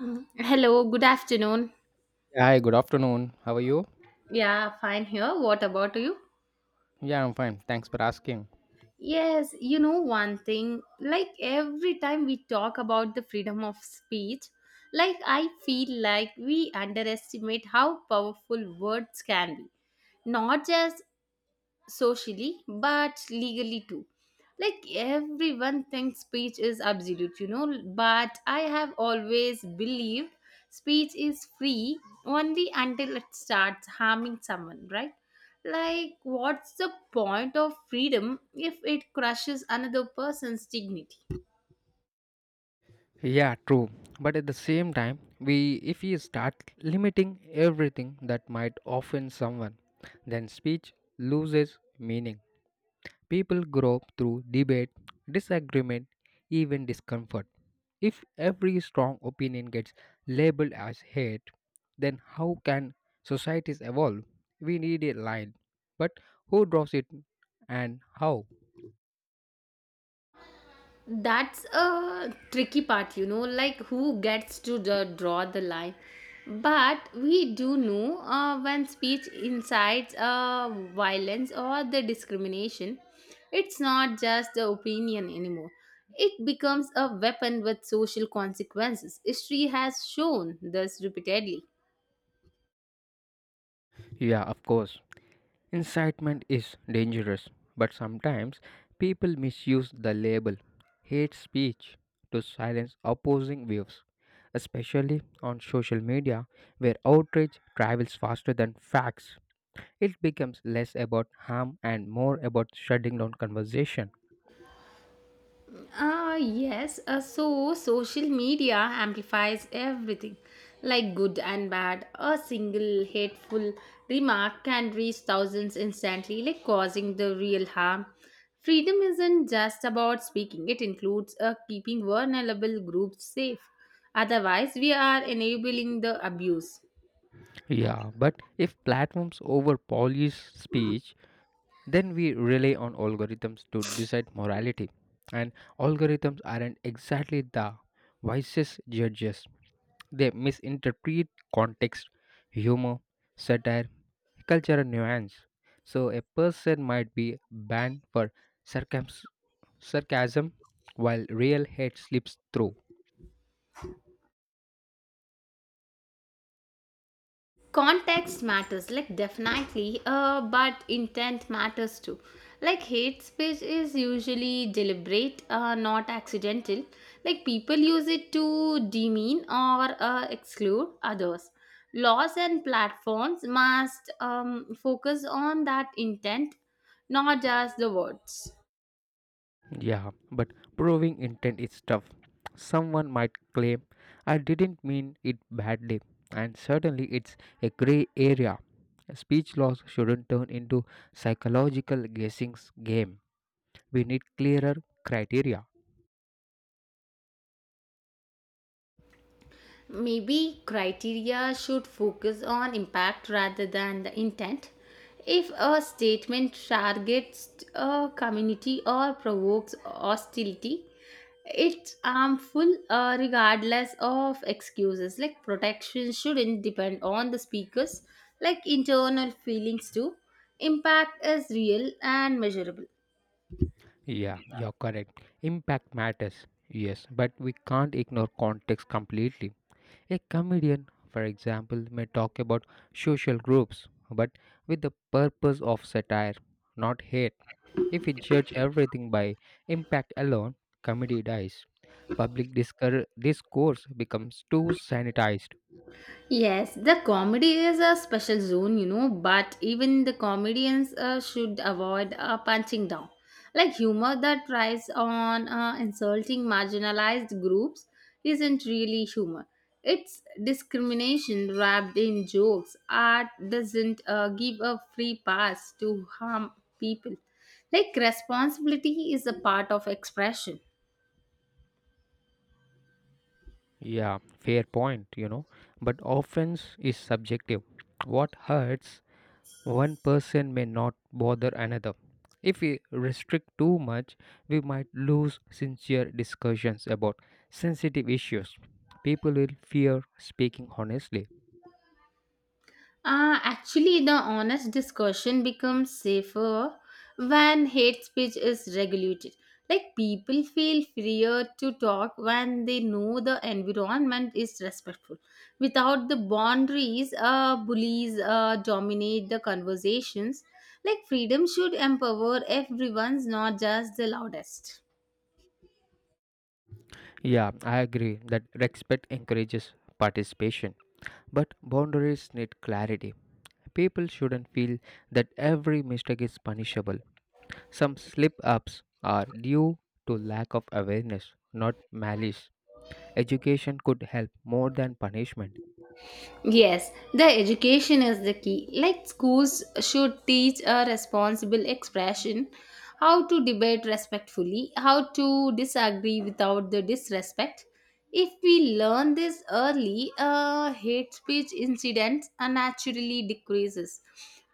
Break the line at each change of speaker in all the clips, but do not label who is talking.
Mm. Hello, good afternoon.
Hi, good afternoon. How are you?
Yeah, fine here. What about you?
Yeah, I'm fine. Thanks for asking.
Yes, you know one thing, like every time we talk about the freedom of speech, like I feel like we underestimate how powerful words can be, not just socially but legally too, like everyone thinks speech is absolute, you know, but I have always believed speech is free only until it starts harming someone, right? Like what's the point of freedom if it crushes another person's dignity?
Yeah, true. But at the same time, we if we start limiting everything that might offend someone, then speech loses meaning. People grow through debate, disagreement, even discomfort. If every strong opinion gets labeled as hate, then how can societies evolve? We need a line. But who draws it and how?
That's a tricky part, you know, like who gets to draw the line. But we do know when speech incites violence or the discrimination, it's not just the opinion anymore. It becomes a weapon with social consequences. History has shown this repeatedly.
Yeah, of course. Incitement is dangerous, but sometimes people misuse the label hate speech to silence opposing views, especially on social media where outrage travels faster than facts. It becomes less about harm and more about shutting down conversation.
Ah, yes. So social media amplifies everything, like good and bad. A single hateful remark can reach thousands instantly, like causing the real harm. Freedom isn't just about speaking, it includes keeping vulnerable groups safe. Otherwise, we are enabling the abuse.
Yeah, but if platforms overpolish speech, then we rely on algorithms to decide morality. And algorithms aren't exactly the wisest judges. They misinterpret context, humor, satire, cultural nuance. So a person might be banned for sarcas- sarcasm while real hate slips through.
Context matters, like definitely, but intent matters too, like hate speech is usually deliberate, not accidental, like people use it to demean or exclude others. Laws and platforms must focus on that intent, not just the words.
Yeah, but proving intent is tough. Someone might claim, I didn't mean it badly, and certainly it's a grey area. Speech laws shouldn't turn into psychological guessing game. We need clearer criteria.
Maybe criteria should focus on impact rather than the intent. If a statement targets a community or provokes hostility, it's harmful regardless of excuses. Like protection shouldn't depend on the speakers, like internal feelings too. Impact is real and measurable.
Yeah, you're correct. Impact matters. Yes, but we can't ignore context completely. A comedian, for example, may talk about social groups, but with the purpose of satire, not hate. If we judge everything by impact alone, comedy dies. Public discourse becomes too sanitized.
Yes, the comedy is a special zone, you know, but even the comedians should avoid punching down. Like humor that tries on insulting marginalized groups isn't really humor. It's discrimination wrapped in jokes. Art doesn't give a free pass to harm people. Like responsibility is a part of expression.
Yeah, fair point, But offense is subjective. What hurts one person may not bother another. If we restrict too much, we might lose sincere discussions about sensitive issues. People will fear speaking honestly.
Actually, the honest discussion becomes safer when hate speech is regulated. Like, people feel freer to talk when they know the environment is respectful. Without the boundaries, bullies dominate the conversations. Like, freedom should empower everyone's, not just the loudest.
Yeah, I agree that respect encourages participation, but boundaries need clarity. People shouldn't feel that every mistake is punishable. Some slip ups are due to lack of awareness, not malice. Education could help more than punishment.
Yes, the education is the key. Like schools should teach a responsible expression, how to debate respectfully, how to disagree without the disrespect. If we learn this early, hate speech incidents naturally decreases.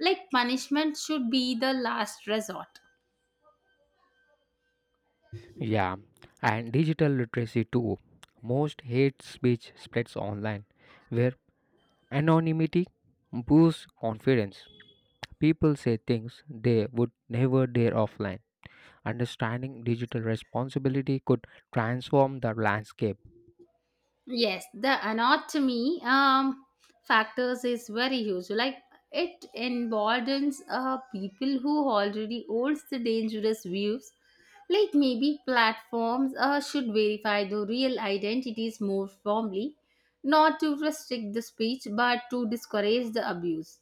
Like punishment should be the last resort.
Yeah, and digital literacy too. Most hate speech spreads online, where anonymity boosts confidence. People say things they would never dare offline. Understanding digital responsibility could transform the landscape.
Yes, the anatomy factors is very huge. Like it emboldens people who already holds the dangerous views. Like maybe platforms should verify the real identities more firmly, not to restrict the speech but to discourage the abuse.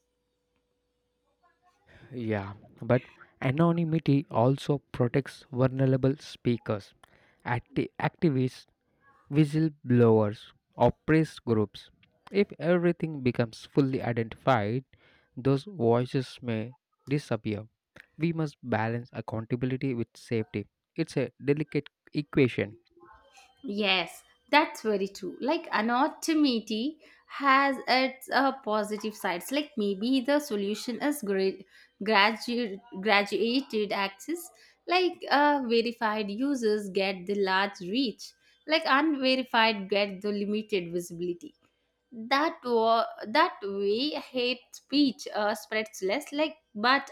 Yeah, but anonymity also protects vulnerable speakers. Activists, whistleblowers, or press groups. If everything becomes fully identified, those voices may disappear. We must balance accountability with safety. It's a delicate equation.
Yes, that's very true. Like anonymity has its positive sides. Like maybe the solution is graduated access. Like verified users get the large reach. Like unverified get the limited visibility. That way hate speech spreads less. Like but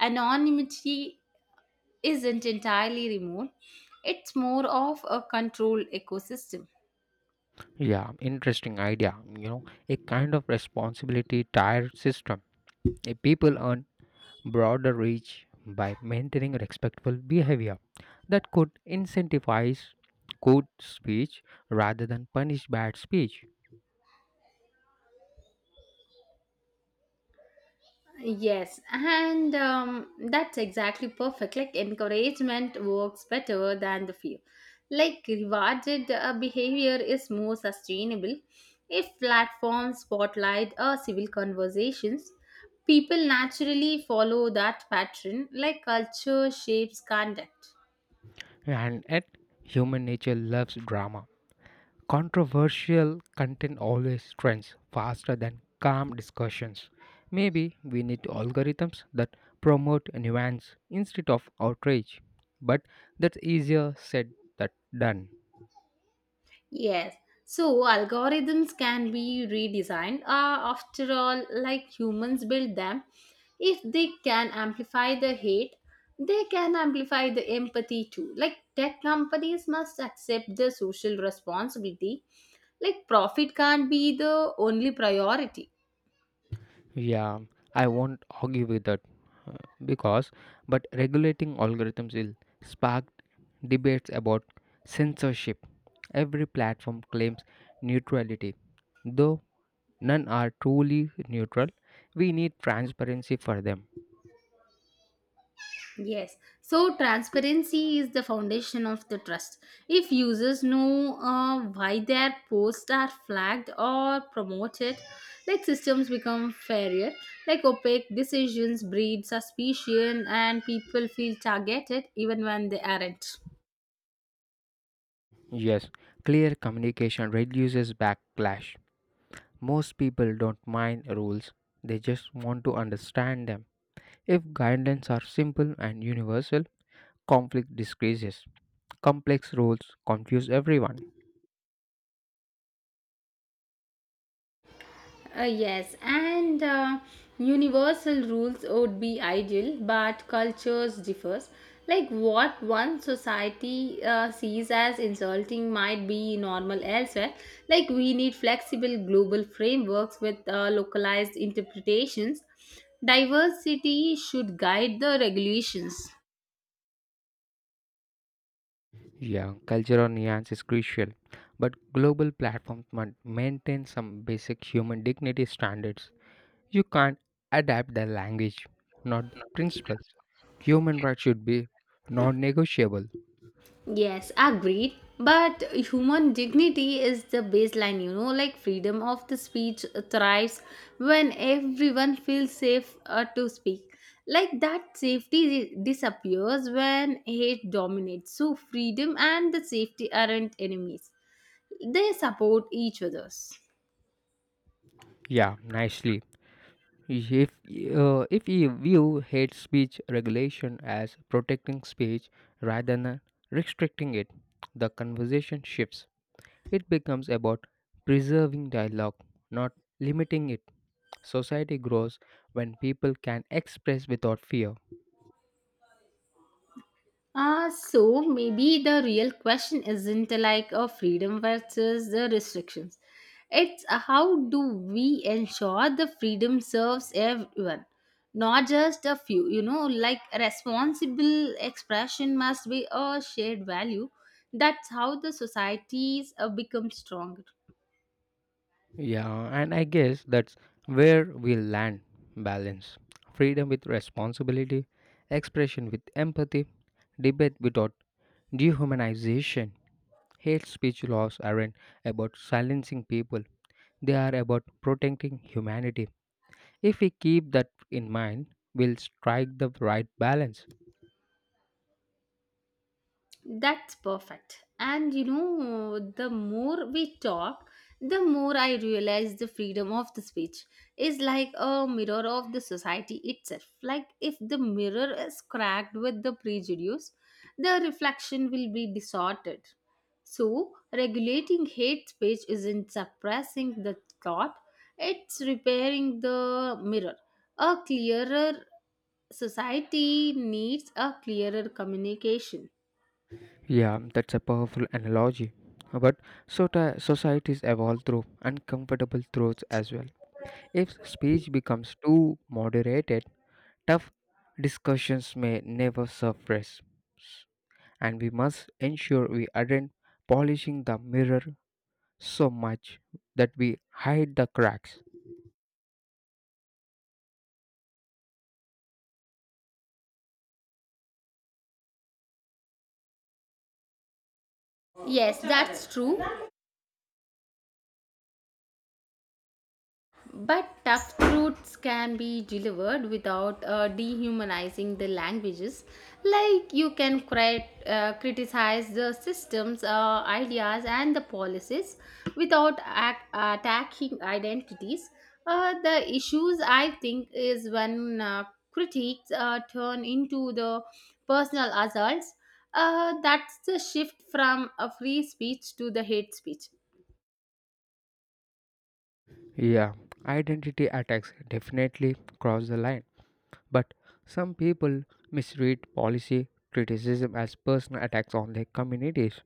anonymity isn't entirely remote. It's more of a controlled ecosystem.
Yeah, interesting idea. A kind of responsibility tier system. A people earn broader reach by maintaining respectful behavior that could incentivize good speech rather than punish bad speech.
Yes, and that's exactly perfect. Like encouragement works better than the fear. Like rewarded behavior is more sustainable. If platforms spotlight or civil conversations, people naturally follow that pattern. Like culture shapes conduct.
And yet, human nature loves drama. Controversial content always trends faster than calm discussions. Maybe we need algorithms that promote nuance instead of outrage. But that's easier said than done.
Yes. So algorithms can be redesigned. After all, like humans build them, if they can amplify the hate, they can amplify the empathy too. Like tech companies must accept the social responsibility. Like profit can't be the only priority.
Yeah, I won't argue with that uh, because, but regulating algorithms will spark debates about censorship. Every platform claims neutrality, though none are truly neutral. We need transparency for them.
Yes. So transparency is the foundation of the trust. If users know why their posts are flagged or promoted, like systems become fairer. Like opaque decisions breed suspicion and people feel targeted even when they aren't.
Yes, clear communication reduces backlash. Most people don't mind rules, they just want to understand them. If guidelines are simple and universal, conflict decreases. Complex rules confuse everyone.
Yes, and universal rules would be ideal, but cultures differs. Like what one society sees as insulting might be normal elsewhere. Like we need flexible global frameworks with localized interpretations. Diversity should guide the regulations.
Yeah, cultural nuance is crucial, but global platforms must maintain some basic human dignity standards. You can't adapt the language, not the principles. Human rights should be non-negotiable.
Yes, agreed. But human dignity is the baseline, you know, like freedom of the speech thrives when everyone feels safe to speak. Like that safety disappears when hate dominates. So freedom and the safety aren't enemies. They support each other's.
Yeah, nicely. If if you view hate speech regulation as protecting speech rather than restricting it, the conversation shifts. It becomes about preserving dialogue, not limiting it. Society grows when people can express without fear.
So maybe the real question isn't like a freedom versus the restrictions. It's how do we ensure the freedom serves everyone, not just a few. You know, like responsible expression must be a shared value. That's how the societies become stronger.
Yeah, and I guess that's where we land balance. Freedom with responsibility, expression with empathy, debate without dehumanization. Hate speech laws aren't about silencing people, they are about protecting humanity. If we keep that in mind, we'll strike the right balance.
That's perfect. And you know, the more we talk, the more I realize the freedom of the speech is like a mirror of the society itself. Like, if the mirror is cracked with the prejudice, the reflection will be distorted. So, regulating hate speech isn't suppressing the thought, it's repairing the mirror. A clearer society needs a clearer communication.
Yeah, that's a powerful analogy. But so societies evolve through uncomfortable truths as well. If speech becomes too moderated, tough discussions may never surface, and we must ensure we aren't polishing the mirror so much that we hide the cracks.
Yes, that's true. But tough truths can be delivered without dehumanizing the languages. Like you can criticize the systems, ideas, and the policies without attacking identities. The issues, I think, is when critiques turn into the personal assaults. That's the shift from a free speech to the hate speech.
Yeah, identity attacks definitely cross the line, but some people misread policy criticism as personal attacks on their communities.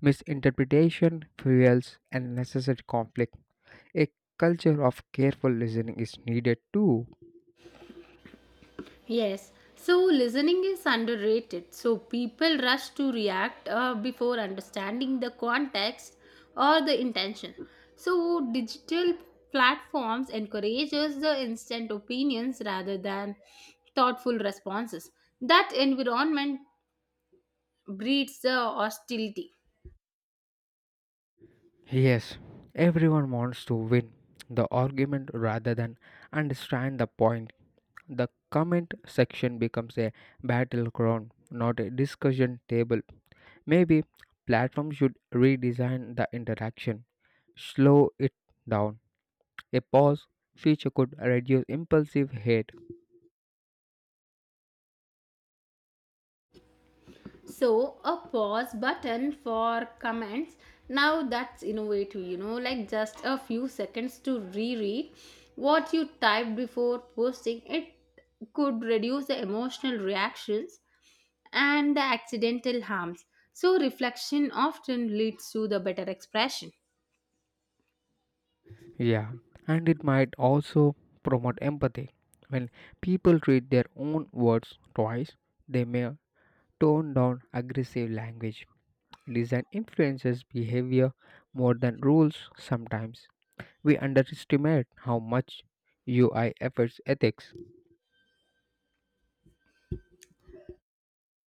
Misinterpretation fuels unnecessary conflict. A culture of careful listening is needed too.
Yes, so listening is underrated. So people rush to react before understanding the context or the intention. So digital platforms encourages the instant opinions rather than thoughtful responses. That environment breeds the hostility.
Yes, everyone wants to win the argument rather than understand the point. The comment section becomes a battleground, not a discussion table. Maybe platforms should redesign the interaction, slow it down. A pause feature could reduce impulsive hate.
So a pause button for comments, now that's innovative, you know, like just a few seconds to reread what you typed before posting it could reduce the emotional reactions and the accidental harms. So reflection often leads to the better expression.
Yeah, and it might also promote empathy. When people read their own words twice, they may tone down aggressive language. Design influences behavior more than rules sometimes. We underestimate how much UI affects ethics.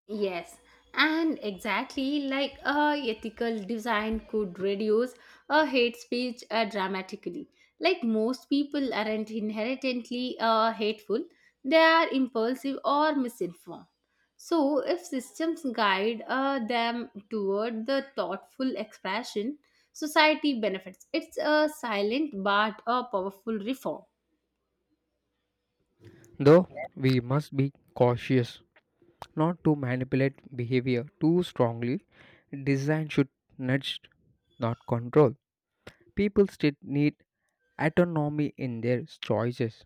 Yes, and exactly like a ethical design could reduce a hate speech dramatically. Like most people aren't inherently hateful, they are impulsive or misinformed. So, if systems guide them toward the thoughtful expression, society benefits. It's a silent but a powerful reform.
Though we must be cautious not to manipulate behavior too strongly, design should nudge, not control. People still need autonomy in their choices.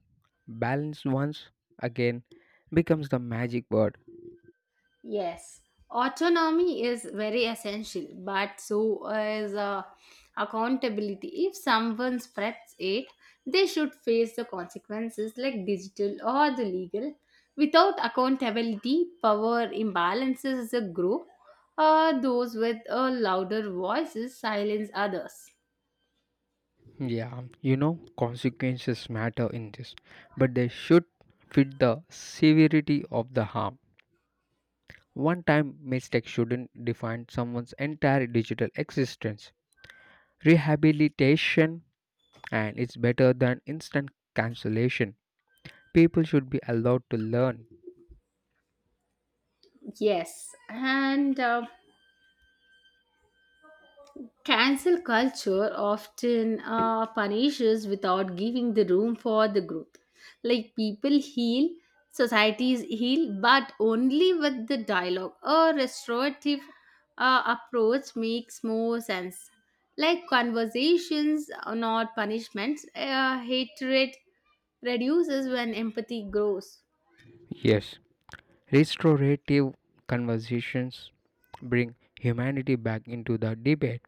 Balance once again becomes the magic word.
Yes, autonomy is very essential, but so is accountability. If someone spreads it, they should face the consequences like digital or the legal. Without accountability, power imbalances the group. Those with a louder voices silence others.
Yeah, consequences matter in this, but they should fit the severity of the harm. One time mistake shouldn't define someone's entire digital existence. Rehabilitation and it's better than instant cancellation. People should be allowed to learn.
Yes, and cancel culture often punishes without giving the room for the growth. Like people heal, societies heal, but only with the dialogue. A restorative approach makes more sense. Like conversations, are not punishments. Hatred reduces when empathy grows.
Yes, restorative conversations bring humanity back into the debate.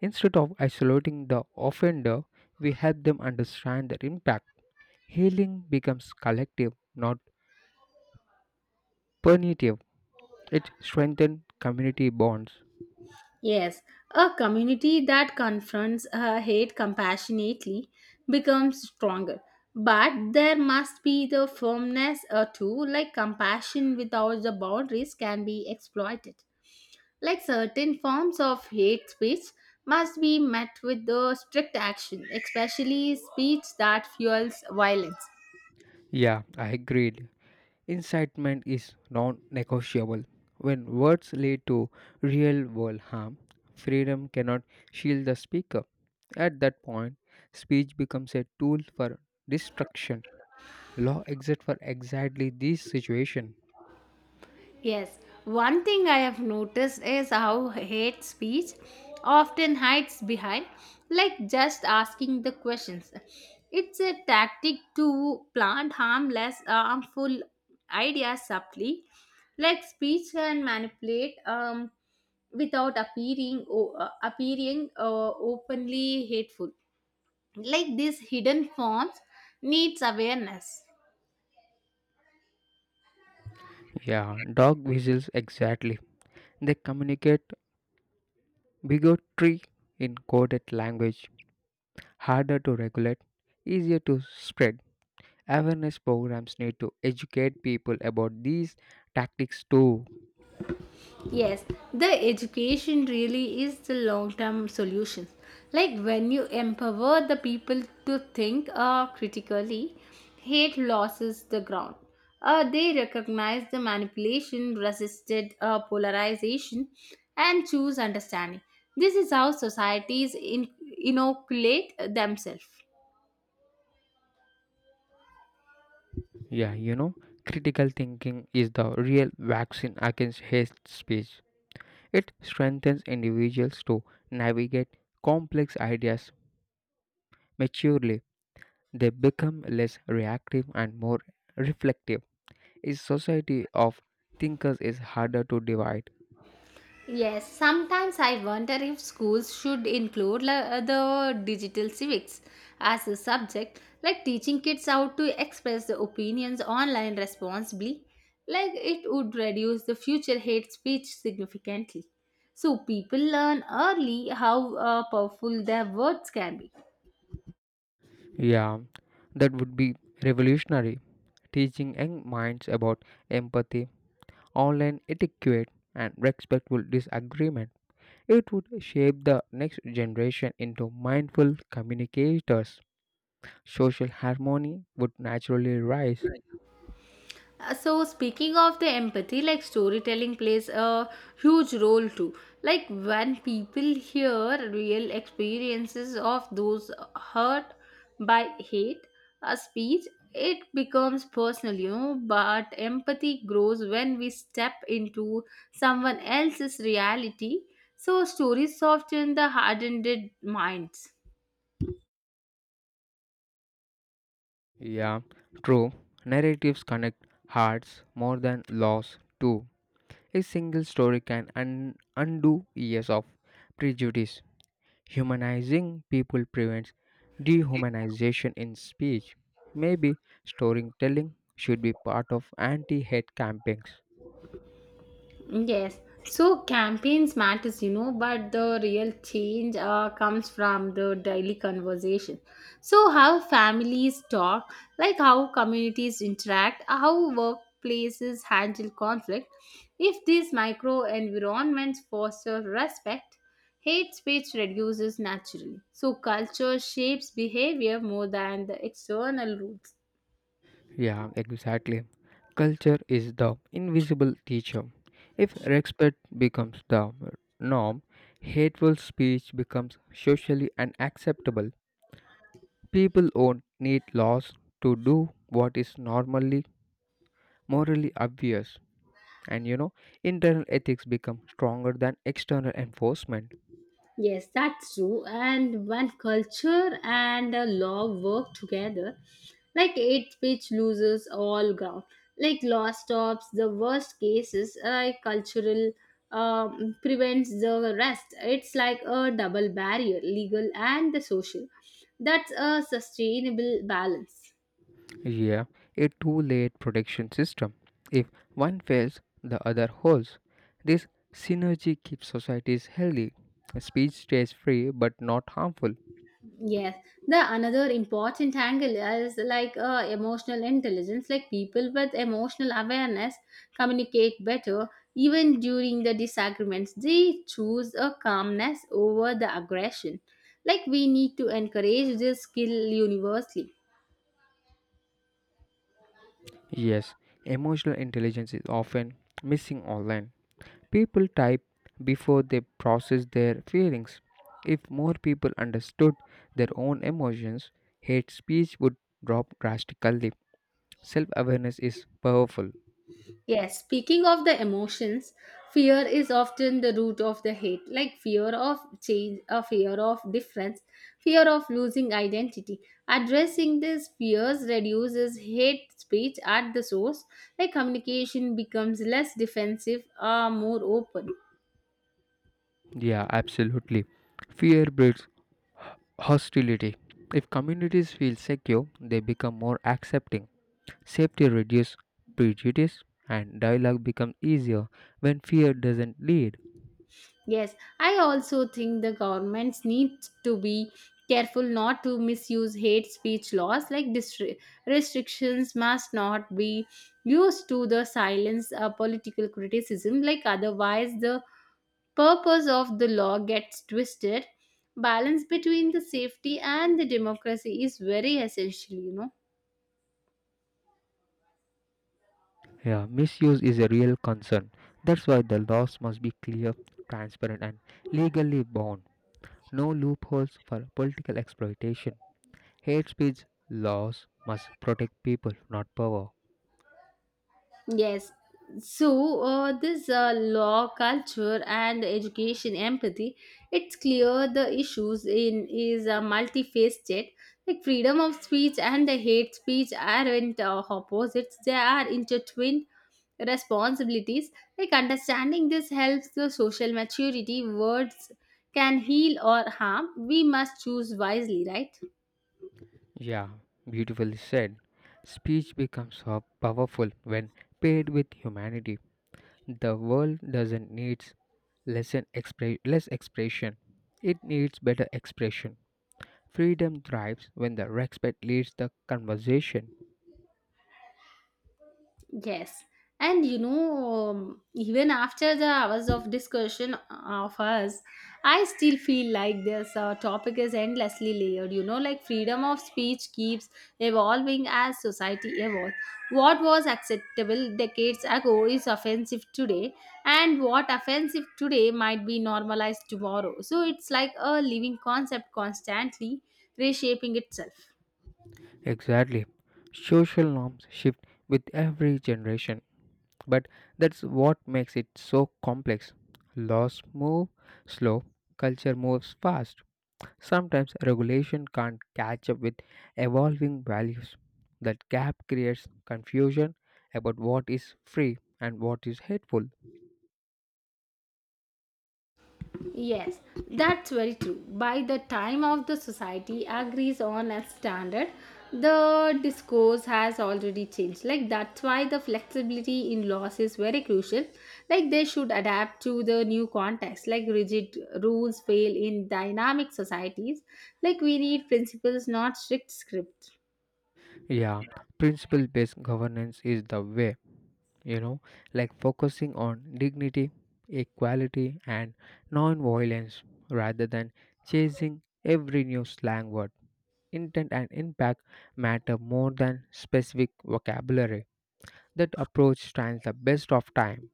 Instead of isolating the offender, we help them understand their impact. Healing becomes collective, not punitive. It strengthens community bonds.
Yes, a community that confronts hate compassionately becomes stronger. But there must be the firmness too, like compassion without the boundaries can be exploited. Like certain forms of hate speech must be met with the strict action, especially speech that fuels violence.
Yeah, I agreed. Incitement is non negotiable. When words lead to real world harm, freedom cannot shield the speaker. At that point, speech becomes a tool for destruction. Law exists for exactly this situation.
Yes, one thing I have noticed is how hate speech often hides behind, like just asking the questions. It's a tactic to plant harmless, harmful ideas subtly, like speech can manipulate without appearing openly hateful. Like these hidden forms needs awareness.
Yeah, dog whistles exactly. They communicate bigotry in coded language. Harder to regulate, easier to spread. Awareness programs need to educate people about these tactics too.
Yes, the education really is the long term solution. Like when you empower the people to think critically, hate losses the ground. They recognize the manipulation, resisted polarization, and choose understanding. This is how societies inoculate themselves.
Yeah, critical thinking is the real vaccine against hate speech. It strengthens individuals to navigate complex ideas maturely. They become less reactive and more reflective. A society of thinkers is harder to divide.
Yes, sometimes I wonder if schools should include the digital civics as a subject, like teaching kids how to express their opinions online responsibly. Like it would reduce the future hate speech significantly. So people learn early how powerful their words can be.
Yeah, that would be revolutionary. Teaching young minds about empathy, online etiquette, and respectful disagreement. It would shape the next generation into mindful communicators. Social harmony would naturally rise.
So speaking of the empathy, like storytelling plays a huge role too, like when people hear real experiences of those hurt by hate a speech, it becomes personal, you know, but empathy grows when we step into someone else's reality. So stories soften the hardened minds.
Yeah, true. Narratives connect hearts more than laws, too. A single story can undo years of prejudice. Humanizing people prevents dehumanization in speech. Maybe storytelling should be part of anti hate campaigns.
Yes. So campaigns matters, you know, but the real change comes from the daily conversation. So how families talk, like how communities interact, how workplaces handle conflict. If these micro environments foster respect, hate speech reduces naturally. So culture shapes behavior more than the external rules.
Yeah, exactly. Culture is the invisible teacher. If respect becomes the norm, hateful speech becomes socially unacceptable. People won't need laws to do what is normally morally obvious. And, internal ethics become stronger than external enforcement.
Yes, that's true. And when culture and law work together, like it which loses all ground, like law stops the worst cases, like cultural prevents the rest. It's like a double barrier, legal and the social. That's a sustainable balance.
Yeah, a two layered protection system. If one fails, the other holds. This synergy keeps societies healthy. Speech stays free but not harmful.
Yes, the another important angle is like emotional intelligence. Like people with emotional awareness communicate better even during the disagreements. They choose a calmness over the aggression. Like we need to encourage this skill universally.
Yes, emotional intelligence is often missing online. People type before they process their feelings. If more people understood their own emotions, hate speech would drop drastically. Self awareness is powerful.
Yes, speaking of the emotions, fear is often the root of the hate, like fear of change, a fear of difference, fear of losing identity. Addressing these fears reduces hate speech at the source, like communication becomes less defensive or more open.
Yeah, absolutely. Fear breeds hostility. If communities feel secure, they become more accepting. Safety reduces prejudice, and dialogue becomes easier when fear doesn't lead.
Yes, I also think the governments need to be careful not to misuse hate speech laws, like restrictions must not be used to the silence political criticism, like otherwise the purpose of the law gets twisted. Balance between the safety and the democracy is very essential, you know.
Yeah, misuse is a real concern. That's why the laws must be clear, transparent, and legally bound. No loopholes for political exploitation. Hate speech laws must protect people, not power.
Yes. So, this law, culture, and education empathy, it's clear the issues in is multifaceted. Like freedom of speech and the hate speech aren't opposites; they are intertwined responsibilities. Like understanding this helps the social maturity. Words can heal or harm. We must choose wisely, right?
Yeah, beautifully said. Speech becomes so powerful when paired with humanity. The world doesn't need less, an less expression, it needs better expression. Freedom thrives when the respect leads the conversation.
Yes. And you know, even after the hours of discussion of us, I still feel like this topic is endlessly layered. You know, like freedom of speech keeps evolving as society evolves. What was acceptable decades ago is offensive today, and what offensive today might be normalized tomorrow. So it's like a living concept constantly reshaping itself.
Exactly. Social norms shift with every generation, but that's what makes it so complex. Laws move slow, culture moves fast. Sometimes regulation can't catch up with evolving values. That gap creates confusion about what is free and what is hateful.
Yes, that's very true. By the time of the society agrees on a standard, the discourse has already changed. Like that's why the flexibility in laws is very crucial. Like they should adapt to the new context. Like rigid rules fail in dynamic societies. Like we need principles, not strict scripts.
Yeah, principle based governance is the way, you know, like focusing on dignity, equality, and non violence rather than chasing every new slang word. Intent and impact matter more than specific vocabulary. That approach stands the best of time.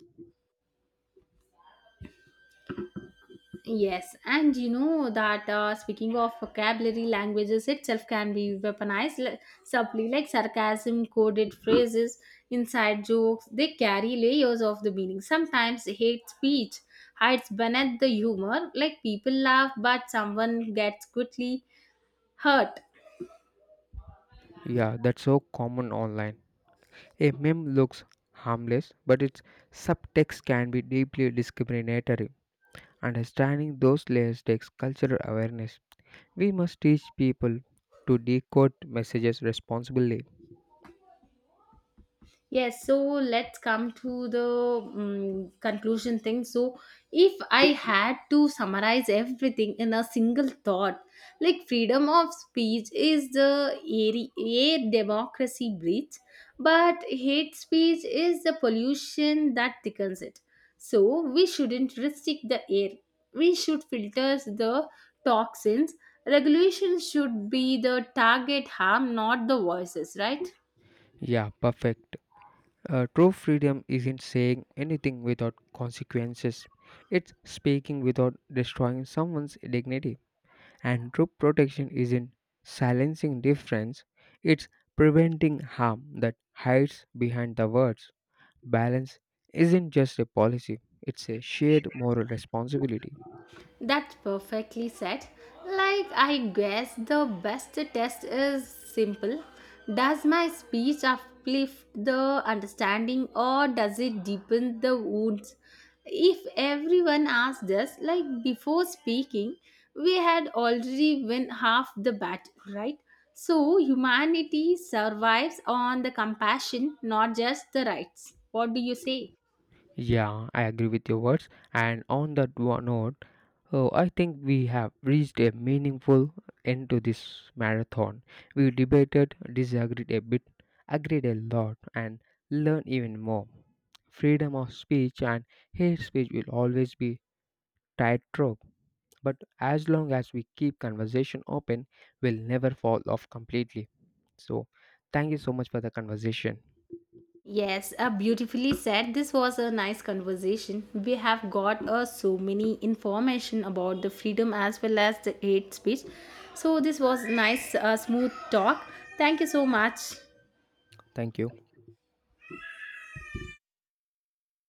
Yes, and you know that speaking of vocabulary, languages itself can be weaponized subtly, like sarcasm, coded phrases, inside jokes. They carry layers of the meaning. Sometimes hate speech hides beneath the humor, like people laugh, but someone gets quickly hurt.
Yeah, that's so common online. A meme looks harmless, but its subtext can be deeply discriminatory. Understanding those layers takes cultural awareness. We must teach people to decode messages responsibly.
Yes, so let's come to the conclusion thing. So, if I had to summarize everything in a single thought, like freedom of speech is the air democracy breathes, but hate speech is the pollution that thickens it. So, we shouldn't restrict the air, we should filter the toxins. Regulation should be the target harm, not the voices, right?
Yeah, perfect. True freedom isn't saying anything without consequences, it's speaking without destroying someone's dignity. And true protection isn't silencing difference, it's preventing harm that hides behind the words. Balance isn't just a policy, it's a shared moral responsibility.
That's perfectly said. Like, I guess the best test is simple. Does my speech uplift the understanding or does it deepen the wounds? If everyone asked us, like before speaking, we had already won half the battle, right? So, humanity survives on the compassion, not just the rights. What do you say?
Yeah, I agree with your words. And on that one note, oh, I think we have reached a meaningful end to this marathon. We debated, disagreed a bit, agreed a lot, and learned even more. Freedom of speech and hate speech will always be tightrope, but as long as we keep conversation open, we'll never fall off completely. So, thank you so much for the conversation.
Yes, beautifully said. This was a nice conversation. We have got so many information about the freedom as well as the hate speech. So this was nice, smooth talk. Thank you so much.
Thank you.